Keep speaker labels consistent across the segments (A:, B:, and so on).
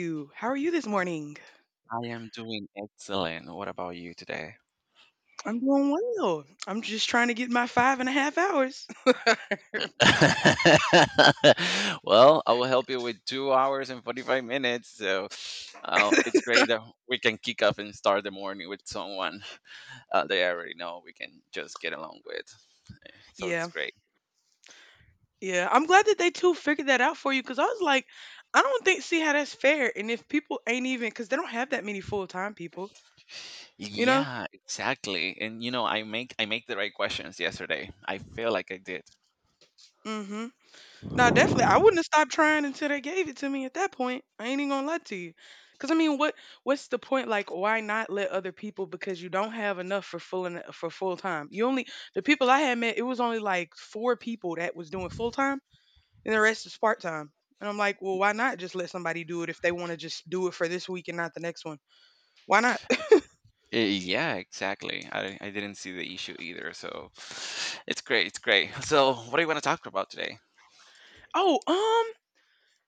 A: You. How are you this morning?
B: I am doing excellent. What about you today?
A: I'm doing well. I'm just trying to get my 5.5 hours.
B: Well, I will help you with 2 hours and 45 minutes. So it's great that we can kick off and start the morning with someone they already know we can just get along with. So it's
A: Yeah,
B: great.
A: yeah. I'm glad that they too figured that out for you because I was like, I don't think see how that's fair. And if people ain't even because they don't have that many full time people, you know.
B: Yeah, exactly. And I make the right questions yesterday. I feel like I did.
A: Mm-hmm. Now,
B: Uh,
A: definitely, I wouldn't have stopped trying until they gave it to me. At that point, I ain't even gonna lie to you, because I mean, what's the point? Like, why not let other people? Because you don't have enough for full and for full time. You only the people I had met. It was only like four people that was doing full time and the rest is part time. And I'm like, well, why not just let somebody do it if they want to just do it for this week and not the next one? Why not?
B: Yeah, exactly. I didn't see the issue either. So it's great. It's great. So what do you want to talk about today?
A: Oh,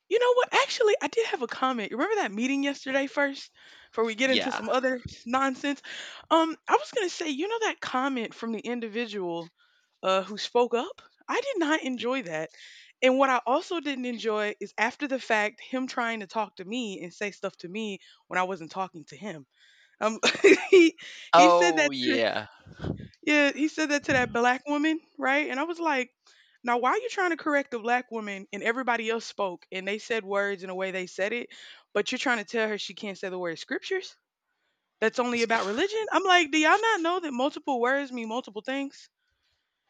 A: you know what? Actually, I did have a comment. You remember that meeting yesterday, first before we get into
B: Yeah.
A: some other nonsense? I was going to say, you know that comment from the individual who spoke up? I did not enjoy that. And what I also didn't enjoy is after the fact him trying to talk to me and say stuff to me when I wasn't talking to him. Um he he said
B: Oh,
A: that
B: yeah.
A: Yeah, he said that to that black woman, right? And I was like, now why are you trying to correct the black woman and everybody else spoke and they said words in a way they said it, but you're trying to tell her she can't say the word scriptures? That's only about religion? I'm like, do y'all not know that multiple words mean multiple things?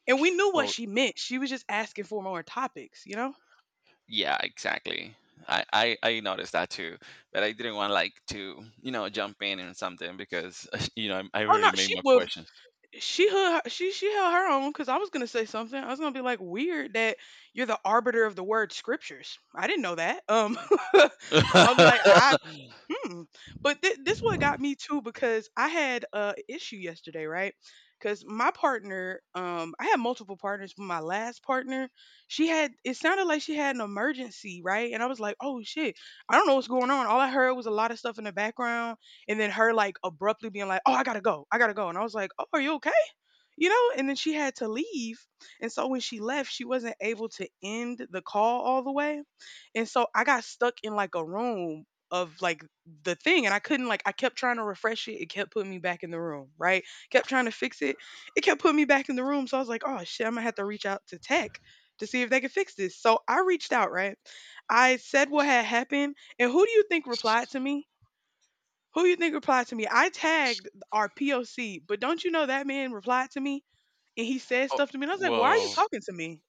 A: And we knew what
B: Oh,
A: she meant. She was just asking for more topics, you know?
B: yeah, exactly. I noticed that too, but I didn't want like to jump in and something because I
A: Oh no,
B: really made
A: she
B: my
A: was
B: questions.
A: she held her own because I was gonna say something. I was gonna be like weird that you're the arbiter of the word scriptures. I didn't know that. I'm like, I. Hmm. But this one got me too because I had a issue yesterday, right? Because my partner, I had multiple partners, but my last partner, she had it sounded like she had an emergency, right? And I was like, oh shit, I don't know what's going on. All I heard was a lot of stuff in the background, and then her like abruptly being like, oh, I gotta go, and I was like, oh, are you okay? And then she had to leave. And so when she left, she wasn't able to end the call all the way. And so I got stuck in like a room of like the thing. And I couldn't like I kept trying to refresh it. It kept putting me back in the room, right? Kept trying to fix it. It kept putting me back in the room. So I was like, oh shit, I'm gonna have to reach out to tech to see if they could fix this. So I reached out, right? I said what had happened, and who do you think replied to me? Who do you think replied to me? I tagged our POC, but don't you know that man replied to me? And he said
B: Oh,
A: stuff to me, and I was like, "Why are you
B: whoa.
A: talking to me?"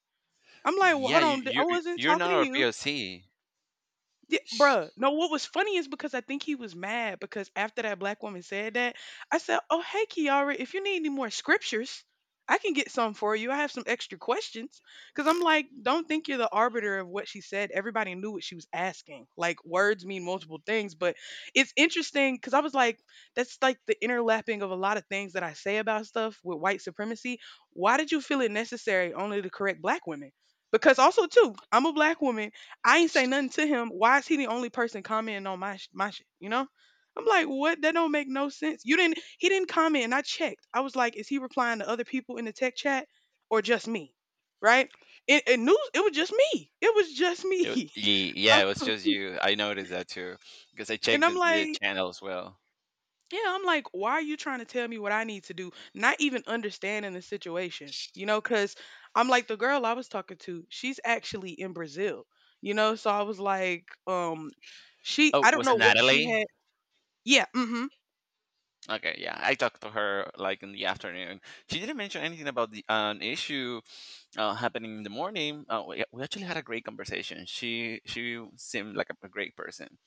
A: I'm like, "Well,
B: Yeah,
A: hold on, I wasn't
B: you're
A: talking
B: not
A: to
B: our
A: you."
B: POC.
A: Yeah, bruh. No, what was funny is because I think he was mad because after that black woman said that, I said, "Oh, hey, Kiara, if you need any more scriptures, I can get some for you. I have some extra questions." Because I'm like, don't think you're the arbiter of what she said. Everybody knew what she was asking. Like, words mean multiple things, but it's interesting because I was like, that's like the interlapping of a lot of things that I say about stuff with white supremacy. Why did you feel it necessary only to correct black women? Because also too, I'm a black woman. I ain't say nothing to him. Why is he the only person commenting on my shit? You know? I'm like, what? That don't make no sense. You didn't. He didn't comment, and I checked. I was like, is he replying to other people in the tech chat or just me? Right? It news. It was just me. It was just
B: It, wa-
A: me.
B: ye-
A: Uh,
B: yeah, it was just you. I noticed that too because I
A: and
B: checked
A: I'm
B: the
A: like,
B: channel as well.
A: yeah. I'm like, why are you trying to tell me what I need to do? Not even understanding the situation. You know? Because I'm like, the girl I was talking to, she's actually in Brazil. You know? So I was like, she.
B: Oh,
A: I don't
B: was it
A: know what she
B: Natalie?
A: had. Yeah, mhm.
B: Okay, yeah, I talked to her like in the afternoon. She didn't mention anything about the an issue happening in the morning, we actually had a great conversation. She seemed like a great person.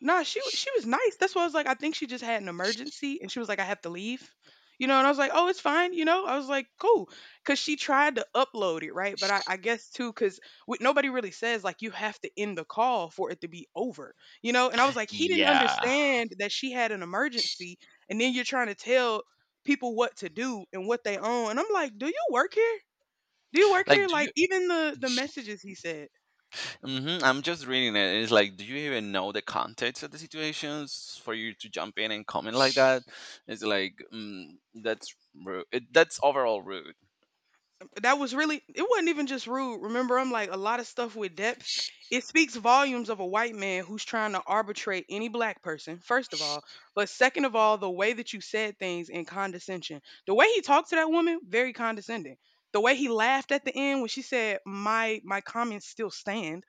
A: Nah, she was nice. That's why I was like, I think she just had an emergency, and she was like, "I have to leave." And I was like, "Oh, it's fine." I was like, cool. Cause she tried to upload it, right? But I guess too, cause nobody really says, like, you have to end the call for it to be over, you know? And I was like, "He didn't
B: Yeah,
A: understand that she had an emergency, and then you're trying to tell people what to do and what they own." And I'm like, "Do you work here? Do you work
B: like
A: here?"
B: do
A: Like,
B: you?
A: even the messages he said
B: I'm just reading it. It's like, do you even know the context of the situations for you to jump in and comment like that? It's like that's rude. That's overall rude.
A: that was really, it wasn't even just rude. Remember, I'm like a lot of stuff with depth. It speaks volumes of a white man who's trying to arbitrate any black person. First of all, but second of all, the way that you said things in condescension, the way he talked to that woman, very condescending, the way he laughed at the end when she said my comments still stand.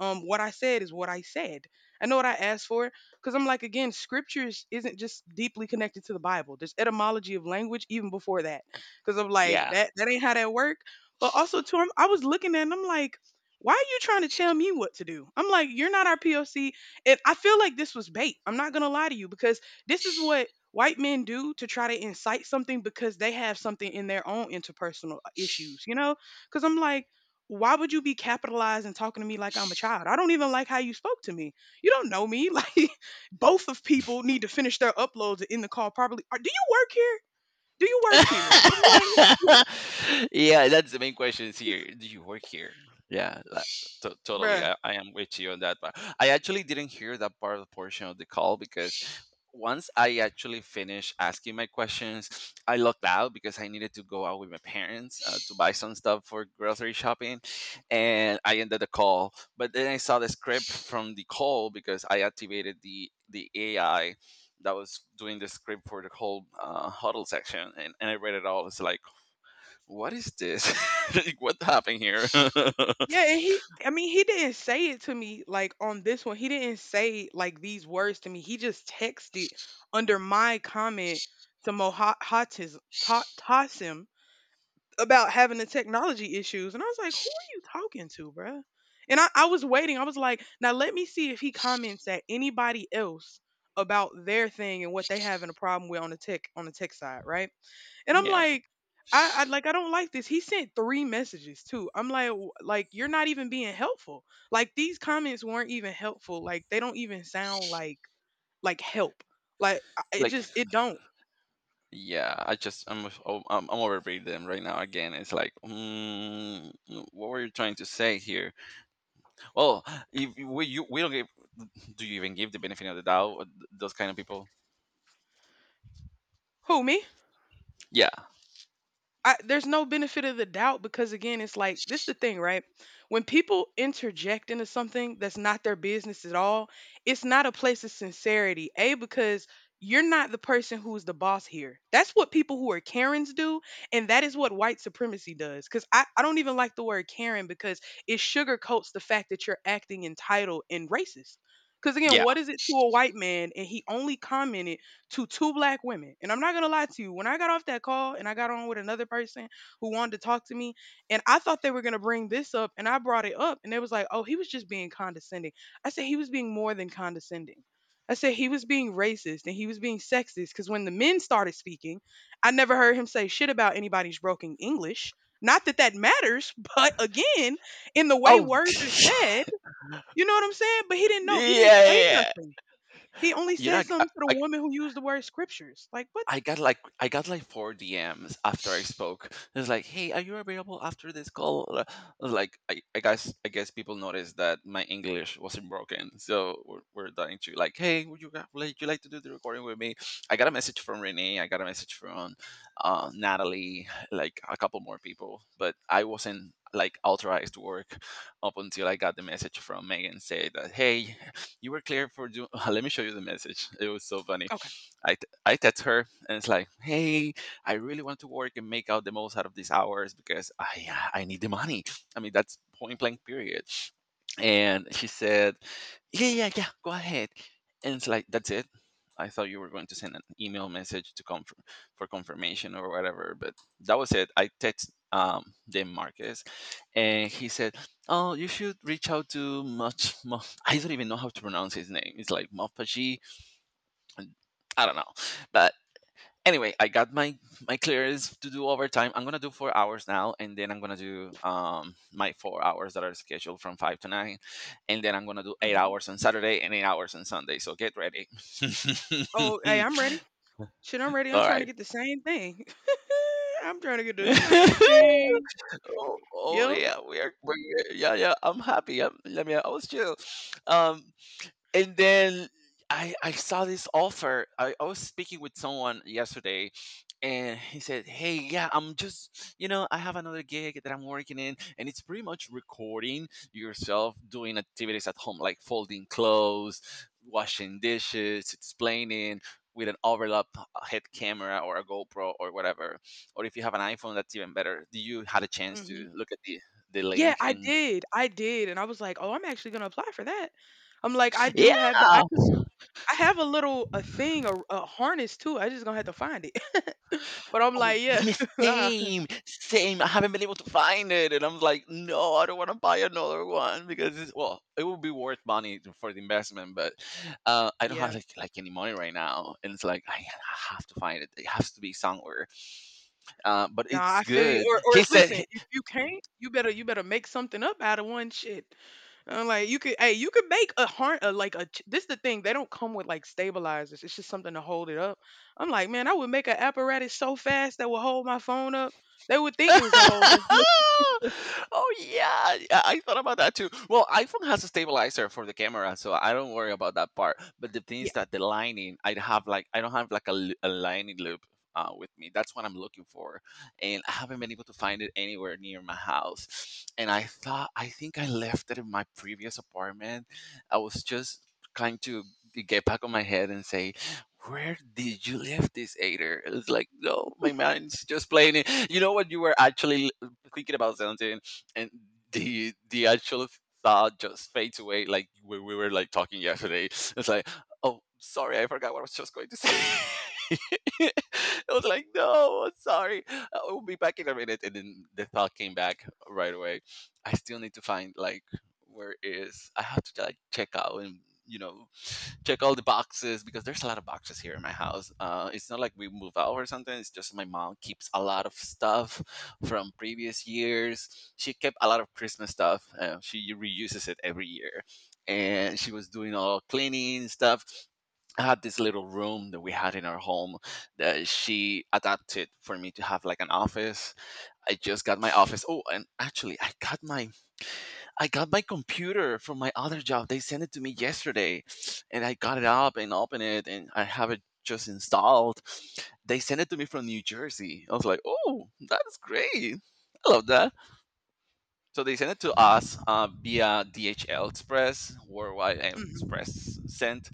A: What I said is what I said. I know what I asked for because I'm like, again, scriptures isn't just deeply connected to the Bible. There's etymology of language even before that. Because I'm like,
B: Yeah.
A: that ain't how that work. But also too I was looking at it and I'm like, why are you trying to tell me what to do? I'm like, you're not our POC. And I feel like this was bait. I'm not gonna lie to you because this is what white men do to try to incite something because they have something in their own interpersonal issues. Because I'm like, why would you be capitalized and talking to me like I'm a child? I don't even like how you spoke to me. You don't know me. Like both of people need to finish their uploads in the call properly. Do you work here? Do you work here? I'm like,
B: Yeah, that's the main question is here. Do you work here? Yeah, like, totally.
A: bruh.
B: I am with you on that part. I actually didn't hear that part of the portion of the call because once I actually finished asking my questions, I logged out because I needed to go out with my parents to buy some stuff for grocery shopping, and I ended the call. But then I saw the script from the call because I activated the AI that was doing the script for the whole huddle section, and I read it all. It's like, what is this? Like, what happened here?
A: Yeah, and he, I mean, he didn't say it to me like on this one. He didn't say like these words to me. He just texted under my comment to Mohatism about having the technology issues. And I was like, who are you talking to, bruh? And I was waiting. I was like, now let me see if he comments at anybody else about their thing and what they having a problem with on the tech side, right? And I'm
B: Yeah,
A: like, I I don't like this. He sent three messages too. I'm like, "Like you're not even being helpful. Like these comments weren't even helpful. Like they don't even sound like help. Like it
B: like
A: just it don't.
B: yeah, I just I'm oh, I'm overreading them right now again. It's like, what were you trying to say here? Well, if you- we you, we don't give. Do you even give the benefit of the doubt? Those kind of people.
A: Who me?
B: Yeah,
A: There's no benefit of the doubt because again it's like this is the thing, right? When people interject into something that's not their business at all, it's not a place of sincerity a because you're not the person who's the boss here. That's what people who are karens do. And that is what white supremacy does. Because I don't even like the word karen because it sugarcoats the fact that you're acting entitled and racist. Because again,
B: yeah.
A: what is it to a white man? And he only commented to two black women. And I'm not gonna lie to you, when I got off that call and I got on with another person who wanted to talk to me, and I thought they were gonna bring this up, and I brought it up, and they was like, oh, he was just being condescending. I said he was being more than condescending. I said he was being racist and he was being sexist because when the men started speaking, I never heard him say shit about anybody's broken English. Not that that matters, but again, in the way
B: Oh,
A: words are said, you know what I'm saying? But he didn't know.
B: yeah,
A: He didn't
B: yeah.
A: say
B: Yeah.
A: nothing. He only
B: You're
A: said
B: not.
A: something to the woman who used the word scriptures. Like, what?
B: I got like four DMs after I spoke. It's like, hey, are you available after this call? Like, I guess people noticed that my English wasn't broken, so we're dying to like, hey, like you like to do the recording with me? I got a message from Renee. I got a message from Natalie, like a couple more people, but I wasn't like authorized to work up until I got the message from Megan saying that, hey, you were clear for do. Let me show you the message. It was so funny.
A: Okay.
B: I text her, and it's like, hey, I really want to work and make out the most out of these hours because I need the money. I mean, that's point blank period. And she said, yeah, yeah, yeah, go ahead. And it's like, that's it. I thought you were going to send an email message to come for confirmation or whatever, but that was it. I text Dan Marcus, and he said, Oh, you should reach out to I don't even know how to pronounce his name. It's like Mopaji, and I don't know. But anyway, I got my clearance to do overtime. I'm gonna do 4 hours now, and then I'm gonna do my 4 hours that are scheduled from five to nine, and then I'm gonna do eight
A: Mhm.
B: hours on Saturday and 8 hours on Sunday. So get ready.
A: Oh, hey, I'm ready. Shit, I'm ready. I'm
B: All
A: trying to
B: right.
A: get the same thing. I'm trying to get the same thing.
B: Oh,
A: Yep.
B: yeah, we're, yeah, yeah. I'm happy. I'm, let me. I was chill. Um, and then I saw this offer. I was speaking with someone yesterday, and he said, "Hey, yeah, I'm just I have another gig that I'm working in, and it's pretty much recording yourself doing activities at home, like folding clothes, washing dishes, explaining." With an overlap head camera or a GoPro or whatever, or if you have an iPhone, that's even better. Do you had a chance
A: Hmm.
B: to look at the
A: Yeah,
B: link
A: I
B: and
A: did. I did. And I was like, oh, I'm actually going to apply for that. I'm like, I do have the, I,
B: yeah,
A: cause I have a little, a thing, a harness too. I just going to have to find it. But I'm
B: oh,
A: like, yeah,
B: me
A: nah.
B: same, same. I haven't been able to find it, and I'm like, no, I don't want to buy another one because well, it would be worth money for the investment, but I don't
A: Yeah.
B: have like any money right now, and it's like I have to find it. It has to be somewhere. But
A: Nah,
B: it's
A: I feel you.
B: good.
A: Or
B: He
A: if,
B: said.
A: listen, if you can't, you better make something up out of one shit. I'm like, you could, hey, you could make a harm, a, like a. ch- This the thing; they don't come with like stabilizers. It's just something to hold it up. I'm like, man, I would make an apparatus so fast that would hold my phone up. They would think
B: Oh,
A: it was a holder. Look,
B: yeah, yeah, I thought about that too. Well, iPhone has a stabilizer for the camera, so I don't worry about that part. But the thing is
A: yeah.
B: that the lining, I don't have like a lining loop with me. That's what I'm looking for, and I haven't been able to find it anywhere near my house. And I think I left it in my previous apartment. I was just trying to get back on my head and say where did you leave this Ader? It's like, no, my mind's just playing it. You know what? You were actually thinking about something, and the actual thought just fades away. Like we were like talking yesterday. It's like, oh, sorry, I forgot what I was just going to say. I was like, no, I'm sorry. I'll be back in a minute. And then the thought came back right away. I still need to find like where it is I have to like check out and you know check all the boxes because there's a lot of boxes here in my house. It's not like we move out or something. It's just my mom keeps a lot of stuff from previous years. She kept a lot of Christmas stuff. She reuses it every year, and she was doing all cleaning stuff. I had this little room that we had in our home that she adapted for me to have like an office. I just got my office. Oh, and actually, I got my computer from my other job. They sent it to me yesterday, and I got it up and opened it, and I have it just installed. They sent it to me from New Jersey. I was like, "Oh, that's great! I love that." So they sent it to us via DHL Express, Worldwide
A: Hmm.
B: Express sent,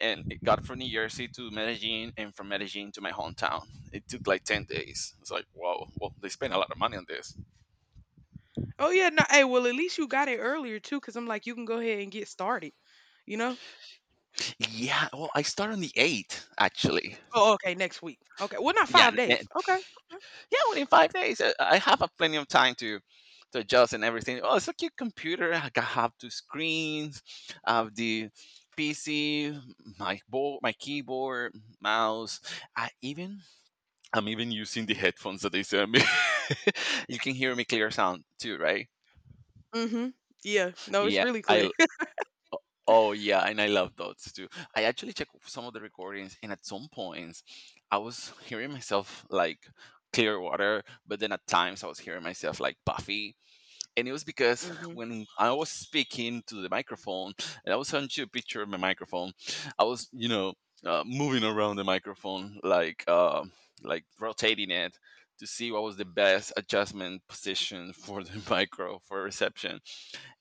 B: and it got from New Jersey to Medellin, and from Medellin to my hometown. It took like 10 days. It's like, wow, well, they spent a lot of money on this.
A: Oh yeah, no. Hey, well, at least you got it earlier too, because I'm like, you can go ahead and get started. You know?
B: Yeah, well, I start on the eighth actually.
A: Oh, okay, next week. Okay, well, not
B: Yeah,
A: 5 days. Okay. Okay.
B: yeah, within 5 days, I have a plenty of time to adjust and everything. Oh, it's a cute computer. I have two screens, I have the PC, my board, my keyboard, mouse. I even I'm even using the headphones that they sent me. You can hear me clear sound too, right?
A: Mm-hmm. Yeah. No, it's
B: Yeah,
A: really
B: I.
A: clear.
B: l- Oh, yeah, and I love those too. I actually checked some of the recordings, and at some points, I was hearing myself like Clearwater, but then at times I was hearing myself like Buffy, and it was because
A: Hmm.
B: when I was speaking to the microphone, and I was showing you a picture of my microphone, I was, moving around the microphone, like rotating it to see what was the best adjustment position for the micro for reception.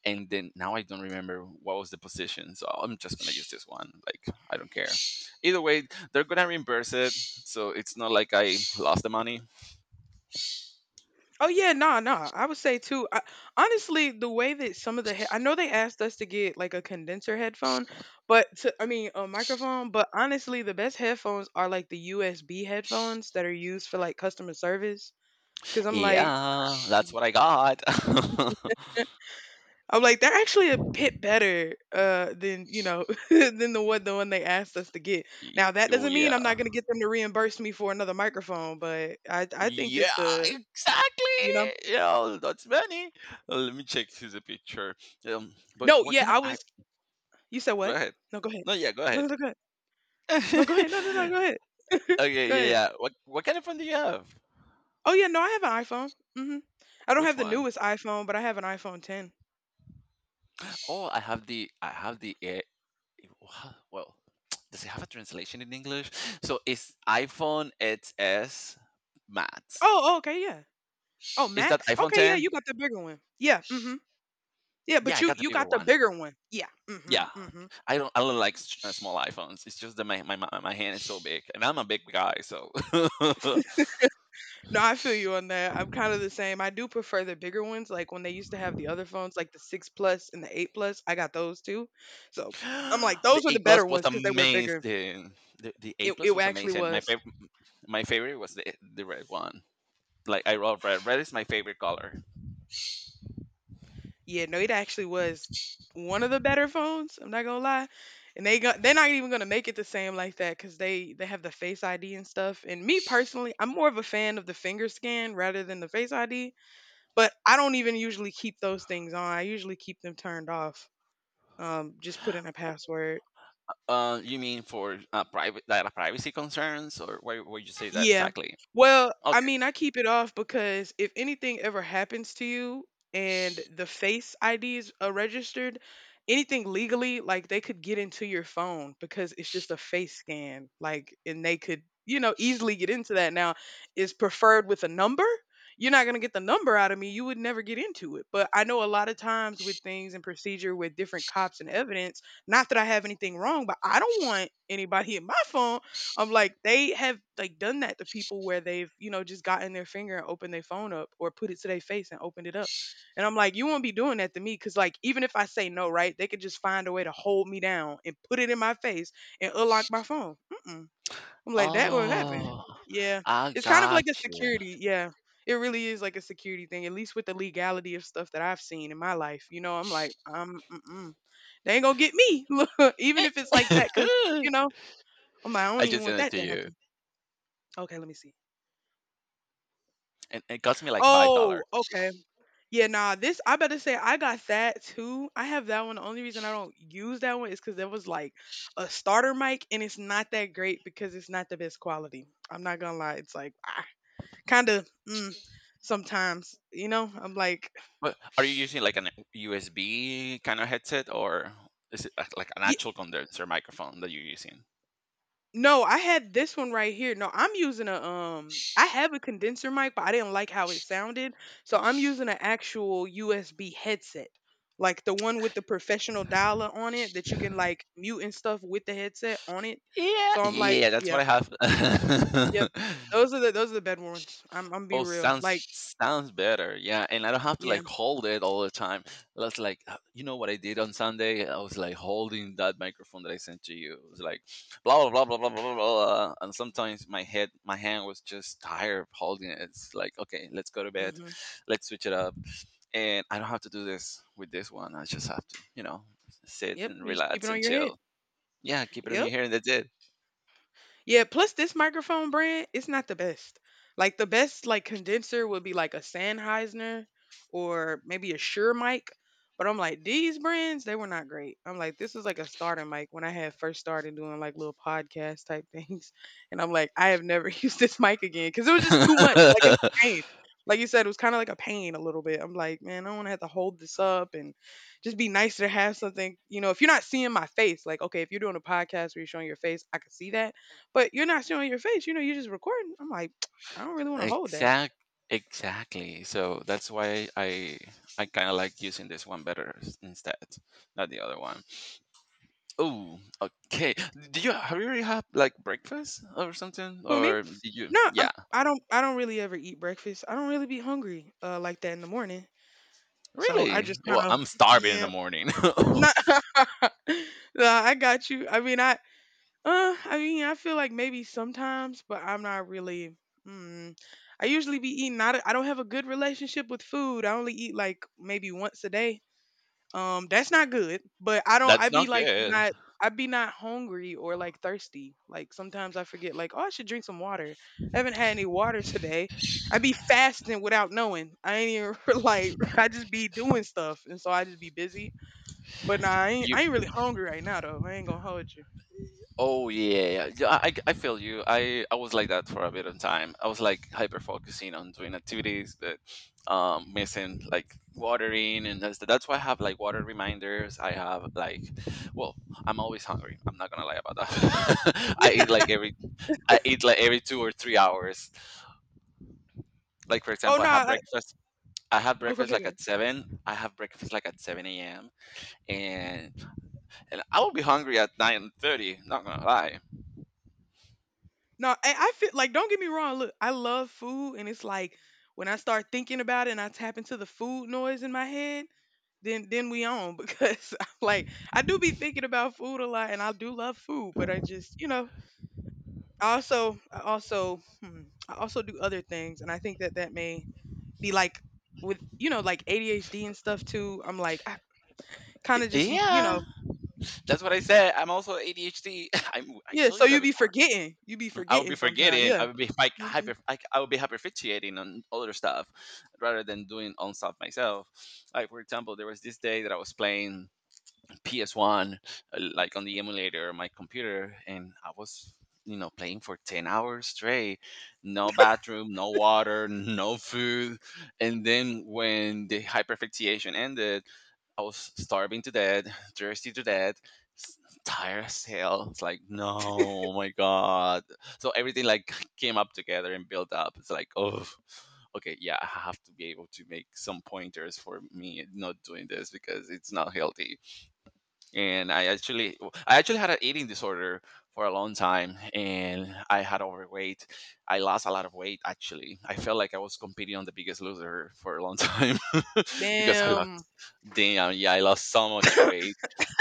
B: And then now I don't remember what was the position, so I'm just gonna use this one. Like I don't care. Either way, they're gonna reimburse it, so it's not like I lost the money.
A: Oh yeah, no, no. I would say too. Honestly, the way that some of the he- I know they asked us to get like a condenser headphone, but to, I mean a microphone. But honestly, the best headphones are like the USB headphones that are used for like customer service. Cause
B: Yeah, that's what I got.
A: I'm like they're actually a bit better than than the one they asked us to get.
B: Y
A: Now that
B: oh,
A: doesn't mean I'm not
B: yeah.
A: gonna get them to reimburse me for another microphone, but I think
B: Yeah,
A: that the you
B: exactly!
A: know
B: Yeah, that's many. Let me check his picture. But
A: no
B: what
A: yeah
B: kind of
A: I
B: I
A: was you said
B: go
A: what
B: ahead.
A: no go ahead.
B: No, yeah, go
A: No,
B: ahead.
A: no, go ahead. No, go ahead. No, no, no. Go ahead.
B: Okay,
A: Go
B: yeah,
A: ahead.
B: yeah. What kind of phone do you have?
A: Oh yeah, no, I have an iPhone. Mhm. I don't
B: Which
A: have the
B: one?
A: newest iPhone, but I have an iPhone 10.
B: Oh, I have the A- well, does it have a translation in English? So it's iPhone XS Max.
A: Oh, oh, okay, yeah. Oh,
B: Is that
A: Max.
B: iPhone
A: Okay, yeah,
B: 10?
A: you got the bigger one. Yeah. Mhm. Yeah,
B: Yeah,
A: but
B: I
A: you
B: got the
A: you
B: bigger
A: got the
B: one.
A: bigger one. Yeah. Mhm.
B: Yeah,
A: Mhm.
B: I don't like small iPhones. It's just that my hand is so big, and I'm a big guy. So
A: No, I feel you on that. I'm kind of the same. I do prefer the bigger ones, like when they used to have the other phones, like the six plus and the eight plus. I got those too. So I'm like,
B: the
A: those were
B: A
A: the
B: plus
A: better
B: was
A: ones because they were bigger.
B: amazing. The A
A: It
B: plus was
A: actually
B: amazing. My
A: was.
B: favorite my favorite was the red one. Like I love red. Red is my favorite color.
A: Yeah, no, it actually was one of the better phones. I'm not gonna lie, and they got they're not even gonna make it the same like that because they have the Face ID and stuff. And me personally, I'm more of a fan of the finger scan rather than the Face ID. But I don't even usually keep those things on. I usually keep them turned off. Just put in a password.
B: You mean for private data privacy concerns, or why would you say that
A: Yeah.
B: exactly?
A: Well, I
B: Okay.
A: mean, I keep it off because if anything ever happens to you and the Face IDs are registered, anything legally, like they could get into your phone because it's just a face scan. Like, and they could, you know, easily get into that. Now, is preferred with a number? You're not going to get the number out of me. You would never get into it. But I know a lot of times with things and procedure with different cops and evidence, not that I have anything wrong, but I don't want anybody in my phone. I'm like, they have like done that to people where they've, you know, just gotten their finger and opened their phone up or put it to their face and opened it up. And I'm like, you won't be doing that to me because like even if I say no, right, they could just find a way to hold me down and put it in my face and unlock my phone. Mm-mm. I'm like, that will happen.
B: Oh,
A: Yeah,
B: I
A: it's kind of like
B: got
A: a
B: you.
A: security. Yeah, it really is like a security thing. At least with the legality of stuff that I've seen in my life, you know, I'm like, mm-mm, they ain't gonna get me. Look, even if it's like that, because you know, I'm like, I don't
B: I
A: even
B: just
A: want
B: sent it
A: that
B: to
A: to
B: you,
A: happen. Okay, let me see.
B: and it cost me like five
A: Oh,
B: dollars.
A: okay. Yeah, nah, this I better say I got that too. I have that one. The only reason I don't use that one is because there was like a starter mic and it's not that great because it's not the best quality. I'm not gonna lie. It's like ah, kind of mm, sometimes, you know, I'm like,
B: But are you using like an USB kind of headset, or is it like an actual condenser microphone that you're using?
A: no, I had this one right here. No, I'm using a I have a condenser mic, but I didn't like how it sounded. So I'm using an actual USB headset. Like the one with the professional dialer on it that you can like mute and stuff with the headset on it.
B: Yeah,
A: So I'm like,
B: yeah, that's
A: yeah,
B: what I
A: yep.
B: have.
A: Those are the bad ones. I'm be
B: Oh,
A: real.
B: sounds
A: Like,
B: sounds better. Yeah, and I don't have to
A: yeah.
B: like hold it all the time. That's like you know what I did on Sunday. I was like holding that microphone that I sent to you. It was like blah blah blah blah blah blah blah. Blah. And sometimes my head, my hand was just tired of holding it. It's like, okay, let's go to bed.
A: Mhm.
B: Let's switch it up, and I don't have to do this with this one. I just have to sit
A: Yep,
B: and
A: you just keep
B: relax
A: it on
B: and
A: your head.
B: chill. Yeah, keep it on
A: Yep.
B: your hair, and that's it.
A: Yeah, plus this microphone brand, it's not the best. Like the best like condenser would be like a Sennheiser or maybe a Shure mic. But I'm like, these brands, they were not great. I'm like, this is like a starter mic when I had first started doing like little podcast type things. And I'm like, I have never used this mic again because it was just too much. Like it was a pain. Like you said, it was kind of like a pain a little bit. I'm like, man, I don't want to have to hold this up and just be nicer to have something. You know, if you're not seeing my face, like, okay, if you're doing a podcast where you're showing your face, I can see that but you're not showing your face, you know, you're just recording. I'm like, I don't really wanna hold that.
B: exact, exactly. So that's why I kind of like using this one better instead, not the other one. Oh, okay. Do you have you already had like breakfast or something,
A: Who, me?
B: or did you?
A: No, I'm
B: Yeah,
A: I don't I don't really ever eat breakfast. I don't really be hungry, like that in the morning. So I
B: really.
A: just
B: Well,
A: kinda
B: I'm starving in the
A: yeah.
B: morning.
A: Not. No, I got you. I mean, I feel like maybe sometimes, but I'm not really mm, I usually be eating not I don't have a good relationship with food. I only eat like maybe once a day. That's not good, but I don't I
B: That's
A: be
B: not
A: like
B: good.
A: not I be not hungry or like thirsty. Like sometimes I forget like, oh, I should drink some water. I haven't had any water today. I be fasting without knowing. I ain't even like I just be doing stuff and so I just be busy. But nah, I ain't
B: You
A: I ain't really hungry right now though. I ain't gonna hold you.
B: Oh yeah, yeah. Yeah, I feel you. I was like that for a bit of time. I was like hyper focusing on doing activities that missing like watering, and that's why I have like water reminders. I have like well, I'm always hungry. I'm not gonna lie about that. I eat like every 2 or 3 hours. Like for
A: Oh
B: example,
A: no, I,
B: I have
A: oh go
B: breakfast
A: ahead. Go
B: like
A: ahead.
B: at seven. I have breakfast like at seven a.m., and and I will be hungry at 9:30, not gonna lie.
A: No, I feel like don't get me wrong. Look, I love food and it's like when I start thinking about it and I tap into the food noise in my head, then we on because I'm like I do be thinking about food a lot and I do love food, but I just you know I also hmm, I also do other things and I think that that may be like with you know like ADHD and stuff too. I'm like I kind of just you
B: Yeah.
A: know
B: That's what I said. I'm also ADHD. I
A: yeah.
B: told
A: So
B: you
A: you
B: that
A: be
B: before.
A: forgetting, you be
B: I would be
A: forgetting sometimes.
B: forgetting.
A: Yeah.
B: I would be like
A: Hmm.
B: hyper. I would be hyperfixating on other stuff rather than doing own stuff myself. Like for example, there was this day that I was playing PS1, like on the emulator on my computer, and I was playing for 10 hours straight, no bathroom, no water, no food. And then when the hyperfixation ended, I was starving to death, thirsty to death, s- tired as hell. It's like, no, oh my god. So everything, like, came up together and built up. It's like, oh, okay, yeah, I have to be able to make some pointers for me not doing this because it's not healthy. And I actually had an eating disorder for a long time, and I had overweight. I lost a lot of weight actually. I felt like I was competing on the biggest loser for a long time. Because I lost,
A: Damn.
B: damn, yeah, I lost so much weight.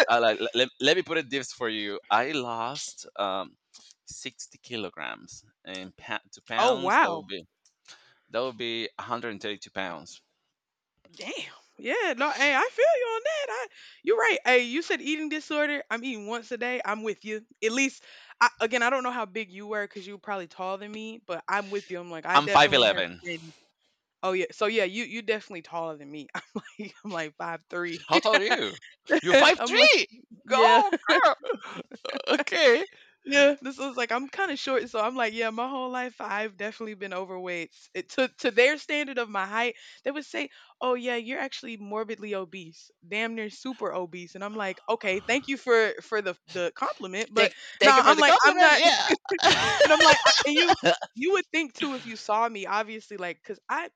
B: Like, let me put it this for you. I lost 60 kilograms, and to
A: Oh
B: pounds that
A: wow.
B: would be 132 pounds.
A: Damn. Yeah. No. Hey, I feel you on that. I. You're right. Hey, you said eating disorder. I'm eating once a day. I'm with you. At least. I, again, I don't know how big you were because you were probably taller than me, but I'm with you. I'm like, I
B: I'm
A: definitely have
B: 5'11.
A: been. Oh yeah. So yeah, you definitely taller than me. I'm like 5'3".
B: How tall are you? You're five
A: I'm like
B: three.
A: yeah.
B: Go, girl. Okay.
A: Yeah, this was like I'm kinda short, so I'm like, yeah, my whole life, I've definitely been overweight. It to their standard of my height, they would say, "Oh, yeah, you're actually morbidly obese, damn near super obese." And I'm like, "Okay, thank you for the compliment, but
B: Thank
A: no,
B: thank you
A: nah,
B: for
A: I'm
B: the
A: like, I'm
B: compliment,
A: not"
B: yeah.
A: and I'm like, I, and you would think too if you saw me, obviously, like, cause I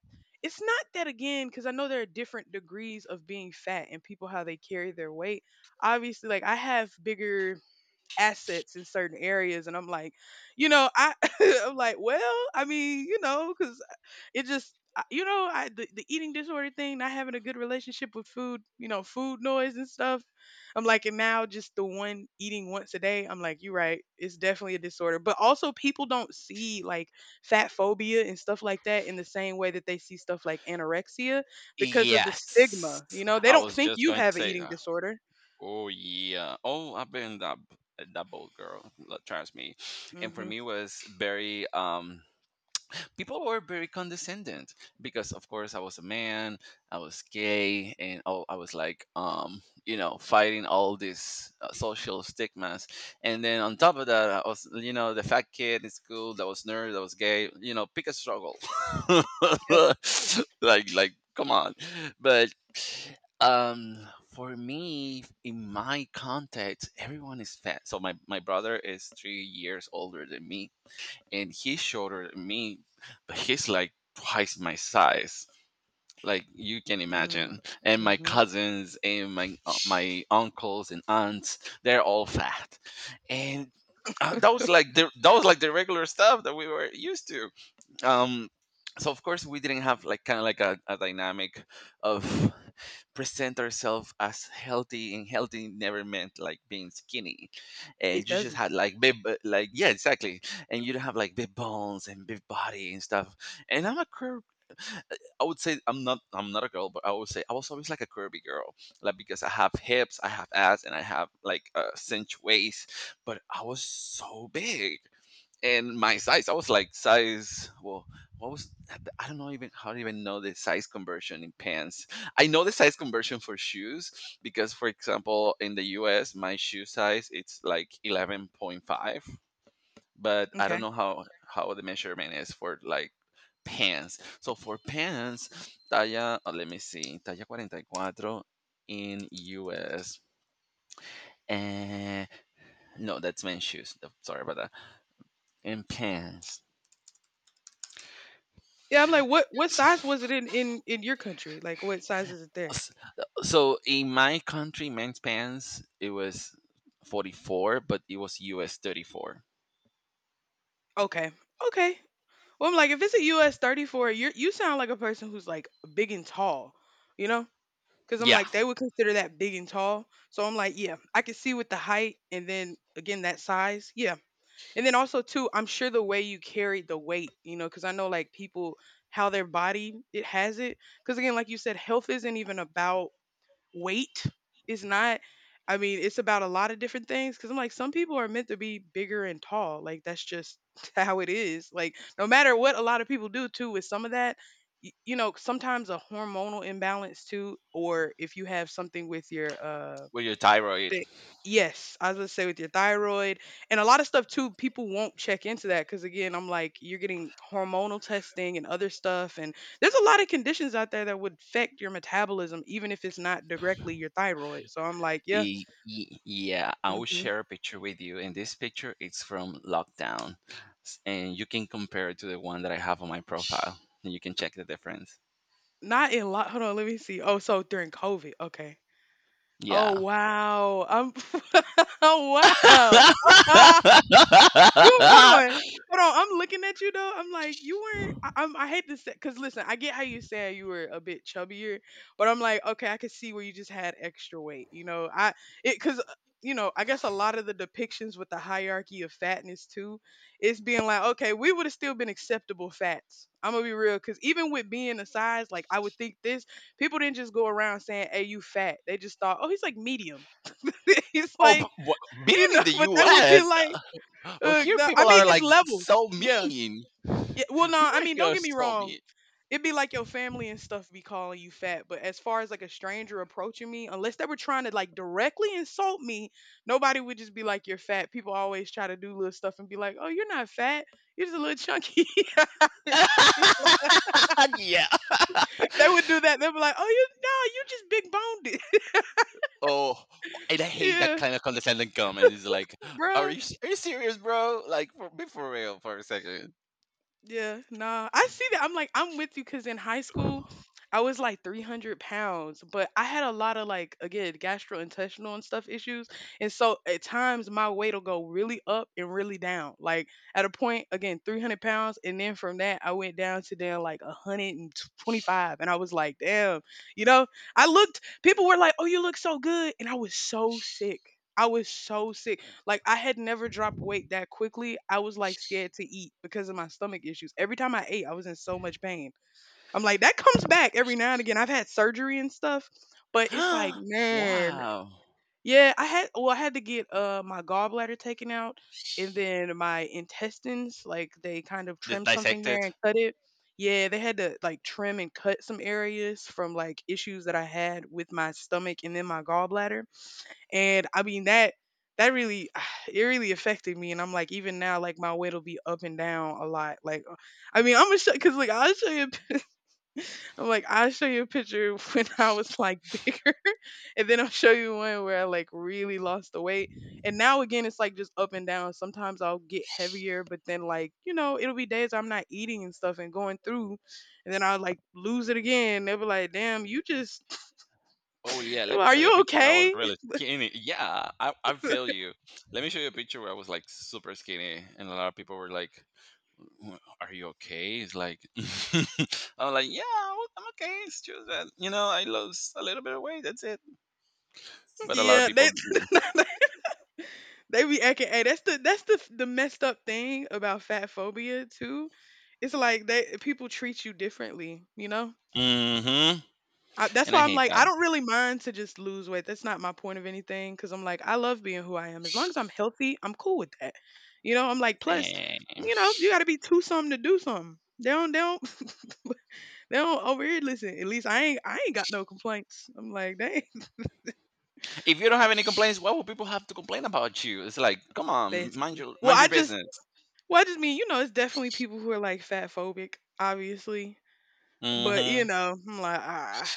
A: it's not that again, cause I know there are different degrees of being fat and people how they carry their weight. Obviously, like I have bigger assets in certain areas, and I'm like, you know I I'm like, well, I mean, because it just I- you know I the eating disorder thing, not having a good relationship with food. You know, food noise and stuff. I'm like, and now just the one eating once a day, I'm like, you're right, it's definitely a disorder, but also people don't see, like, fat phobia and stuff like that in the same way that they see stuff like anorexia, because of the
B: Yes.
A: stigma, they
B: I
A: don't
B: was
A: think
B: just
A: you
B: going to
A: have an
B: say
A: eating
B: that.
A: disorder.
B: Oh yeah. Oh, I've been that bold girl. Trust me. And for
A: Hmm.
B: me was very, people were very condescending because of course I was a man, I was gay and all. I was like, fighting all these social stigmas, and then on top of that I was the fat kid in school that was nerd, that was gay, you know, pick a struggle.
A: Yep.
B: Like, come on. But um for me, in my context, everyone is fat, so my brother is 3 years older than me, and he's shorter than me, but he's like twice my size. Like, you can imagine. And my
A: Mm-hmm.
B: cousins and my uncles and aunts, they're all fat. And that was like the regular stuff that we were used to, um so of course we didn't have like kind of like a dynamic of present ourselves as healthy, and healthy never meant like being skinny,
A: It
B: and you just
A: doesn't.
B: had like big like, yeah, exactly, and you don't have like big bones and big body and stuff. And I'm a curve, I would say. I'm not a girl, but I would say I was always like a curvy girl, like because I have hips, I have ass, and I have like a cinch waist, but I was so big, and my size, I was like size, well, what was, I don't know even how to even know the size conversion in pants. I know the size conversion for shoes because for example in the us my shoe size it's like 11.5, but I
A: Okay.
B: don't know how the measurement is for like pants. So for pants talla, oh, let me see, talla 44 in us. And no, that's men's shoes, sorry about that. In pants,
A: Yeah, I'm like, what size was it in your country? Like, what size is it there?
B: S- so in my country, men's pants it was 44, but it was US 34.
A: Okay. Okay. Well, I'm like, if it's a US 34, you sound like a person who's like big and tall, you know? Because I'm
B: Yeah,
A: like, they would consider that big and tall. So I'm like, yeah, I can see with the height, and then again that size, yeah. And then also too, I'm sure the way you carried the weight, you know, because I know like people how their body it has it. Because again, like you said, health isn't even about weight, is not, I mean, it's about a lot of different things, cuz I'm like some people are meant to be bigger and tall. Like, that's just how it is. Like, no matter what a lot of people do too, with some of that you know, sometimes a hormonal imbalance too, or if you have something with your
B: with your thyroid.
A: they yes, I was gonna say, with your thyroid. And a lot of stuff too, people won't check into that, because again, I'm like, you're getting hormonal testing and other stuff, and there's a lot of conditions out there that would affect your metabolism, even if it's not directly your thyroid. So I'm like, yeah.
B: Yeah, I will
A: Mhm.
B: share a picture with you, and this picture it's from lockdown, and you can compare it to the one that I have on my profile, and you can check the difference.
A: Not in lot. Hold on, let me see. Oh, so during COVID, okay. Oh
B: Yeah.
A: wow, I'm wow.
B: Oh,
A: You hold on, hold on. I'm looking at you though. I'm like, you weren't. I'm. I hate to say, cause listen, I get how you saying you were a bit chubbier, but I'm like, okay, I could see where you just had extra weight. You know, it cause uh, I guess a lot of the depictions with the hierarchy of fatness too, it's being like, okay, we would have still been acceptable fats. I'm gonna be real, cause even with being a size, like I would think this, people didn't just go around saying, "Hey, you fat." They just thought, "Oh, he's like medium." He's like,
B: but being
A: you
B: in
A: know,
B: the
A: but that would be
B: U.S.,
A: like
B: but here
A: I
B: people
A: mean,
B: are
A: it's
B: like
A: levels.
B: so
A: Yeah.
B: mean.
A: Yeah. Well, no,
B: People
A: I
B: are
A: mean,
B: here
A: don't
B: are
A: get me
B: so
A: wrong.
B: mean.
A: It'd be like your family and stuff be calling you fat, but as far as like a stranger approaching me, unless they were trying to like directly insult me, nobody would just be like, "You're fat." People always try to do little stuff and be like, "Oh, you're not fat. You're just a little chunky."
B: Yeah.
A: They would do that. They'd be like, "Oh, you no, you just big boned."
B: Oh, and I hate that
A: Yeah,
B: kind of condescending comment. It's like, are
A: bruh.
B: you serious, bro? Like, be for real for a second.
A: Yeah, nah, I see that. I'm like, I'm with you, because in high school, I was like 300 pounds, but I had a lot of like, again, gastrointestinal and stuff issues. And so at times my weight will go really up and really down. Like, at a point, again, 300 pounds. And then from that, I went down like 125. And I was like, damn, you know, I looked, people were like, oh, you look so good. And I was so sick. I was so sick. Like, I had never dropped weight that quickly. I was like scared to eat because of my stomach issues. Every time I ate, I was in so much pain. I'm like, that comes back every now and again. I've had surgery and stuff, but it's like, man,
B: Wow.
A: yeah, I had to get my gallbladder taken out, and then my intestines, like, they kind of
B: This
A: trimmed something
B: dissected.
A: there and cut it. Yeah, they had to like trim and cut some areas from like issues that I had with my stomach and then my gallbladder. And I mean, that really it really affected me. And I'm like, even now, like my weight will be up and down a lot. Like, I mean, I'm gonna show because like I'll show you I'm like I'll show you a picture when I was like bigger, and then I'll show you one where I like really lost the weight. And now again, it's like just up and down. Sometimes I'll get heavier, but then like you know it'll be days I'm not eating and stuff and going through, and then I'll like lose it again. They'll be like, "Damn, you just
B: Oh yeah, let me
A: are
B: show you a
A: you
B: picture where I was
A: okay?"
B: really skinny. Yeah, I feel you. Let me show you a picture where I was like super skinny, and a lot of people were like, "Are you okay?" It's like, I'm like, "Yeah, I'm okay. It's just that you know I lost a little bit of weight. That's it." But a lot of
A: Yeah, they
B: people do.
A: they be acting. Hey, that's the messed up thing about fat phobia too. It's like, they people treat you differently. You know,
B: hmm
A: that's
B: And I
A: why I'm
B: hate
A: like
B: that
A: I don't really mind to just lose weight. That's not my point of anything because I'm like I love being who I am. As long as I'm healthy, I'm cool with that. You know, I'm like plus,
B: thing.
A: you know, you got to be two something to do something. They don't they don't over here, listen. At least I ain't got no complaints. I'm like they
B: If you don't have any complaints, why would people have to complain about you? It's like, come
A: they
B: on, mind your
A: well I just
B: business.
A: well I just mean, it's definitely people who are like fat phobic obviously. But you
B: hmm
A: know, I'm like, ah,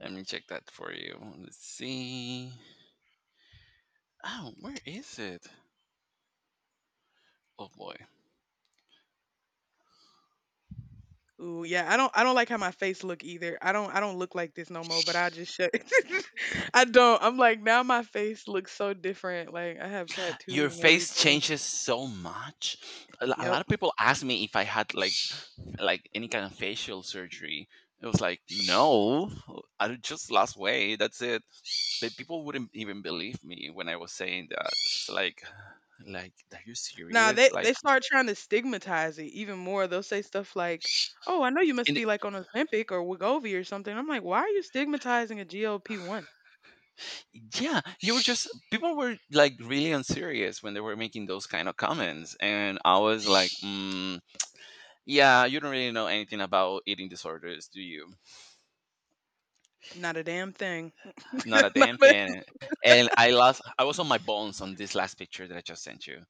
B: Let me check that for you. Let's see. Oh, where is it? Oh boy,
A: ooh, yeah. I don't like how my face look either. I don't look like this no more. But I just shut. I don't. I'm like now my face looks so different. Like, I have tattoos
B: your
A: and
B: face
A: everything.
B: changes so much. A lot
A: Yep.
B: of people ask me if I had like any kind of facial surgery. It was like, no, I just lost weight. That's it. But people wouldn't even believe me when I was saying that. It's like, are you
A: Now
B: serious?
A: they
B: Like,
A: they start trying to stigmatize it even more. They'll say stuff like, "Oh, I know you must
B: and
A: be like on Ozempic or Wegovy or something." I'm like, why are you stigmatizing a GLP-1?
B: yeah, you were just people were like really unserious when they were making those kind of comments, and I was like, yeah, you don't really know anything about eating disorders, do you?
A: Not a damn thing.
B: Not a damn thing. And I was on my bones on this last picture that I just sent you.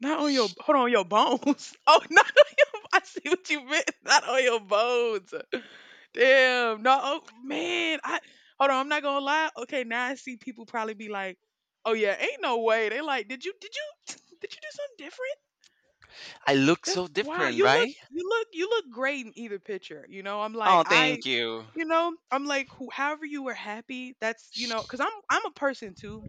A: Not on your hold on, your bones. Oh, not on your. I see what you meant. Not on your bones. Damn. No. Oh, man. I hold on. I'm not gonna lie. Okay. Now I see people probably be like, "Oh yeah, ain't no way." They like, "Did you? Did you? Did you do something different?"
B: I look
A: That's
B: so
A: wow.
B: different, right?
A: You look great in either picture. You know. I'm like
B: Oh,
A: I.
B: thank you.
A: You know, I'm like, who however you were happy, that's, you know, because I'm a person too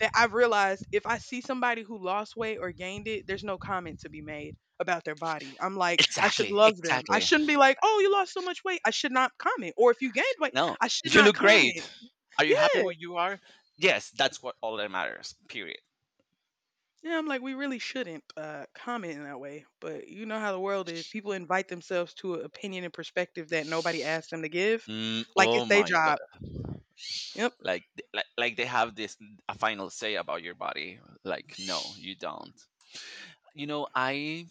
A: that I've realized if I see somebody who lost weight or gained it, there's no comment to be made about their body. I'm like, I should
B: Exactly,
A: love them. I
B: exactly.
A: shouldn't be like, oh, you lost so much weight. I should not comment. Or if you gained weight,
B: No,
A: I should
B: you
A: not
B: look great.
A: comment.
B: Are you happy
A: Yeah.
B: where you are? Yes, that's what all that matters. Period.
A: Yeah. I'm like, we really shouldn't comment in that way. But you know how the world is. People invite themselves to an opinion and perspective that nobody asked them to give,
B: Mm,
A: like
B: oh
A: it's their
B: my god!
A: job. Yep.
B: Like, like they have this a final say about your body. Like, no, you don't. You know,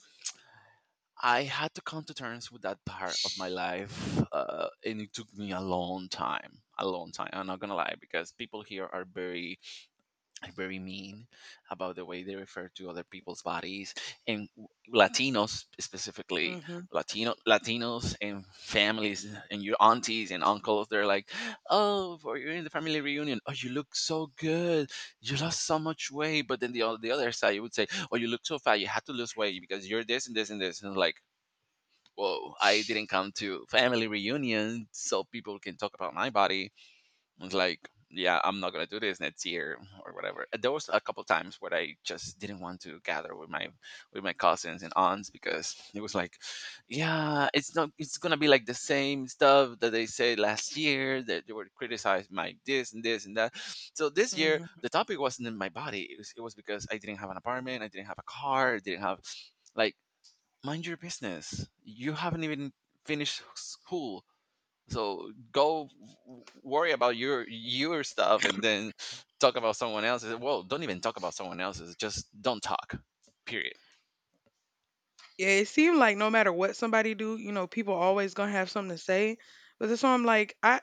B: I had to come to terms with that part of my life, and it took me a long time, a long time. I'm not gonna lie because people here are very mean about the way they refer to other people's bodies, and latinos specifically, latinos and families and your aunties and uncles, they're like, oh, for you in the family reunion, oh, you look so good, you lost so much weight, but then the other side you would say, oh, you look so fat, you had to lose weight because you're this and this and this, and like, whoa, I didn't come to family reunion so people can talk about my body. It's like, yeah, I'm not gonna do this next year or whatever. There was a couple times where I just didn't want to gather with my cousins and aunts because it was like, yeah, it's not it's gonna be like the same stuff that they said last year that they were criticized my this and this and that. So this year
A: Hmm.
B: the topic wasn't in my body. It was because I didn't have an apartment, I didn't have a car, I didn't have like, mind your business. You haven't even finished school, so go worry about your stuff and then talk about someone else's. Well, don't even talk about someone else's. Just don't talk. Period.
A: Yeah, it seemed like no matter what somebody do, people always gonna have something to say. But that's why I'm like, I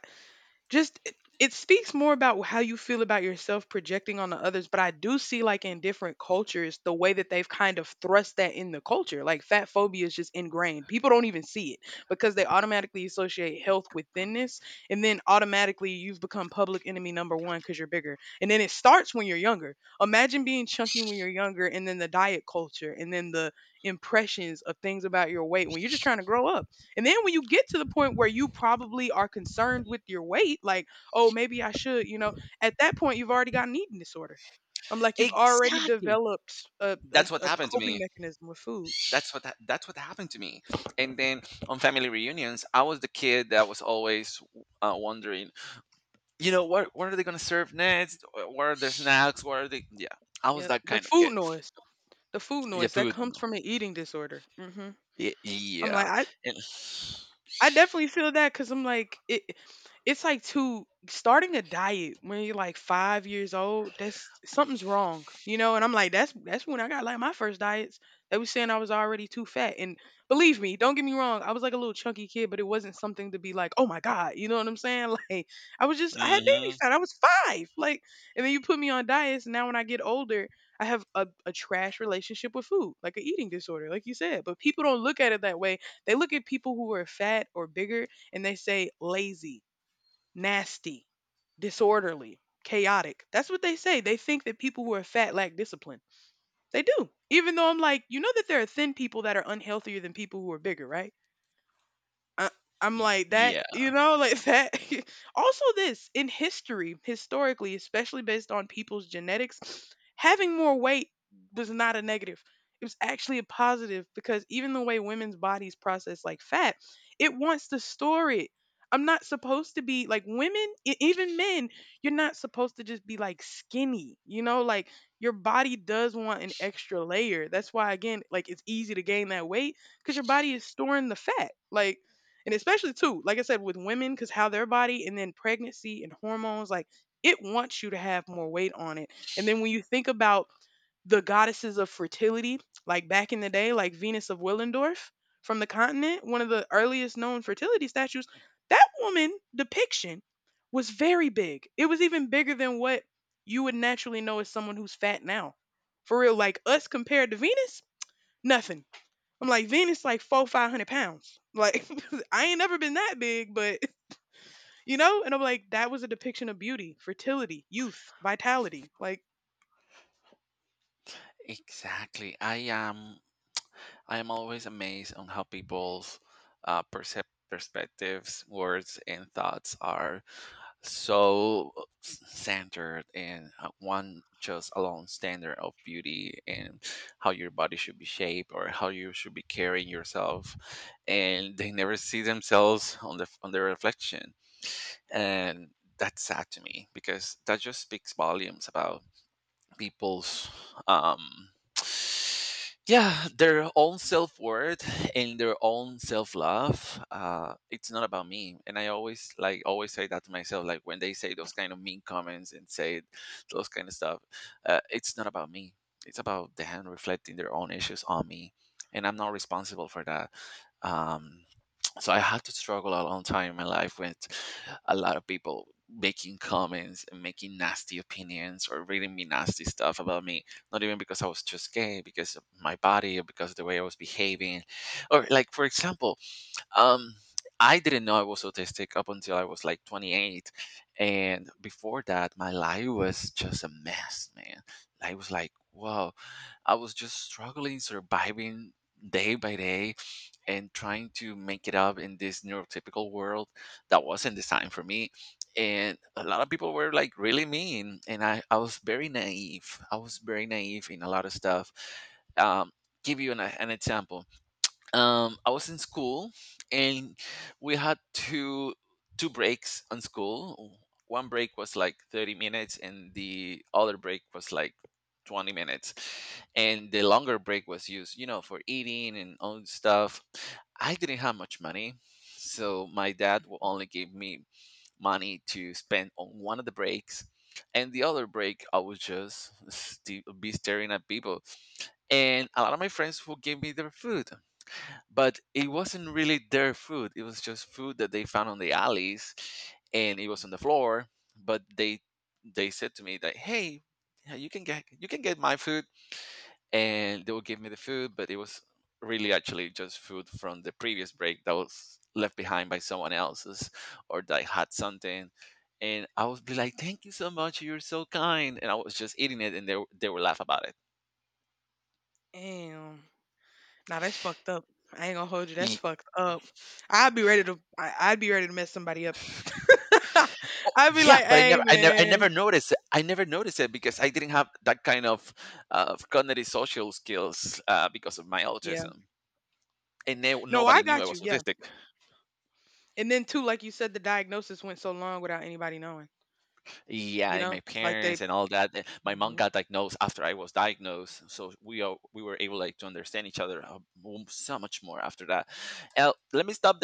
A: just it speaks more about how you feel about yourself projecting on the others, but I do see, like, in different cultures, the way that they've kind of thrust that in the culture. Like, fat phobia is just ingrained. People don't even see it because they automatically associate health with thinness, and then automatically you've become public enemy number one because you're bigger. And then it starts when you're younger. Imagine being chunky when you're younger, and then the diet culture, and then the impressions of things about your weight when you're just trying to grow up. And then when you get to the point where you probably are concerned with your weight, like, oh, maybe I should, at that point, you've already got an eating disorder. I'm like, you've already
B: Exactly.
A: developed a, a,
B: That's what
A: a
B: happened to
A: coping
B: me.
A: mechanism with food.
B: That's what happened to me. And then on family reunions, I was the kid that was always wondering, you know, what are they gonna serve next? What are their snacks? What are they? Yeah, I was
A: Yep.
B: that kind of kid.
A: The food
B: Yeah,
A: noise that
B: food.
A: comes
B: No.
A: from an eating disorder. Hmm.
B: Yeah,
A: I'm
B: yeah.
A: like, I
B: And,
A: I definitely feel that because I'm like it. It's like to starting a diet when you're like 5 years old. That's something's wrong, you know. And I'm like, that's when I got like my first diets. They was saying I was already too fat, and believe me, don't get me wrong. I was like a little chunky kid, but it wasn't something to be like, oh my god, you know what I'm saying? Like, I was just I had baby
B: hmm.
A: fat. I was 5, like, and then you put me on diets. And now when I get older, I have a trash relationship with food, like an eating disorder, like you said. But people don't look at it that way, they look at people who are fat or bigger, and they say lazy, nasty, disorderly, chaotic. That's what they say. They think that people who are fat lack discipline. They do. Even though I'm like, you know that there are thin people that are unhealthier than people who are bigger, right? I, I'm like that, you know, like that. Also, historically, especially based on people's genetics, having more weight was not a negative. It was actually a positive because even the way women's bodies process like fat, it wants to store it. I'm not supposed to be like women, even men, you're not supposed to just be like skinny, you know, like your body does want an extra layer. That's why, again, like it's easy to gain that weight because your body is storing the fat. Like, and especially too like I said with women, because how their body and then pregnancy and hormones, like it wants you to have more weight on it. And then when you think about the goddesses of fertility, like back in the day, like Venus of Willendorf from the continent, one of the earliest known fertility statues, that woman depiction was very big. It was even bigger than what you would naturally know as someone who's fat now. For real, like us compared to Venus, nothing. I'm like, Venus like four, 500 pounds. Like I ain't never been that big, but you know? And I'm like, that was a depiction of beauty, fertility, youth, vitality. Like,
B: Exactly. I am always amazed on how people's uh, percep- perspectives, words, and thoughts are so centered in one just alone standard of beauty and how your body should be shaped or how you should be carrying yourself, and they never see themselves on the on their reflection, and that's sad to me because that just speaks volumes about people's um yeah, their own self-worth and their own self-love. It's not about me, and I always, like, always say that to myself. Like, when they say those kind of mean comments and say those kind of stuff, it's not about me, it's about them reflecting their own issues on me, and I'm not responsible for that. um so I had to struggle a long time in my life with a lot of people making comments and making nasty opinions or reading me nasty stuff about me, not even because I was just gay, because of my body or because of the way I was behaving. Or, like, for example, um I didn't know I was autistic up until I was like 28. And before that my life was just a mess, man. I was like, whoa, I was just struggling, surviving day by day, and trying to make it up in this neurotypical world that wasn't designed for me. And a lot of people were like really mean. And I was very naive. I was very naive in a lot of stuff. Um, give you an example. I was in school, and we had two breaks on school. One break was like 30 minutes, and the other break was like 20 minutes. And the longer break was used, you know, for eating and all this stuff. I didn't have much money, so my dad will only give me money to spend on one of the breaks. And the other break, I would just be staring at people, and a lot of my friends will give me their food, but it wasn't really their food. It was just food that they found on the alleys, and it was on the floor. But they said to me that, "Hey, yeah, you can get my food," and they will give me the food. But it was really actually just food from the previous break that was left behind by someone else's, or that had something. And I was be like, "Thank you so much. You're so kind." And I was just eating it, and they were laugh about
A: damn. Now that's fucked up. I ain't gonna hold you. That's
B: it.
A: fucked up. I'd be ready to mess somebody up.
B: Oh,
A: I'd be
B: yeah,
A: like,
B: but
A: hey
B: I never
A: man.
B: noticed it. I never noticed it because I didn't have that kind of cognitive social skills because of my
A: Yeah.
B: autism, and
A: No, I
B: nobody knew I
A: got you.
B: was
A: Yeah.
B: autistic.
A: And then too, like you said, the diagnosis went so long without anybody knowing.
B: Yeah,
A: You
B: and
A: know?
B: my
A: Like they.
B: parents and all that. My mom
A: Mhm.
B: got diagnosed after I was diagnosed, so we were able like to understand each other so much more after that. Let me stop there.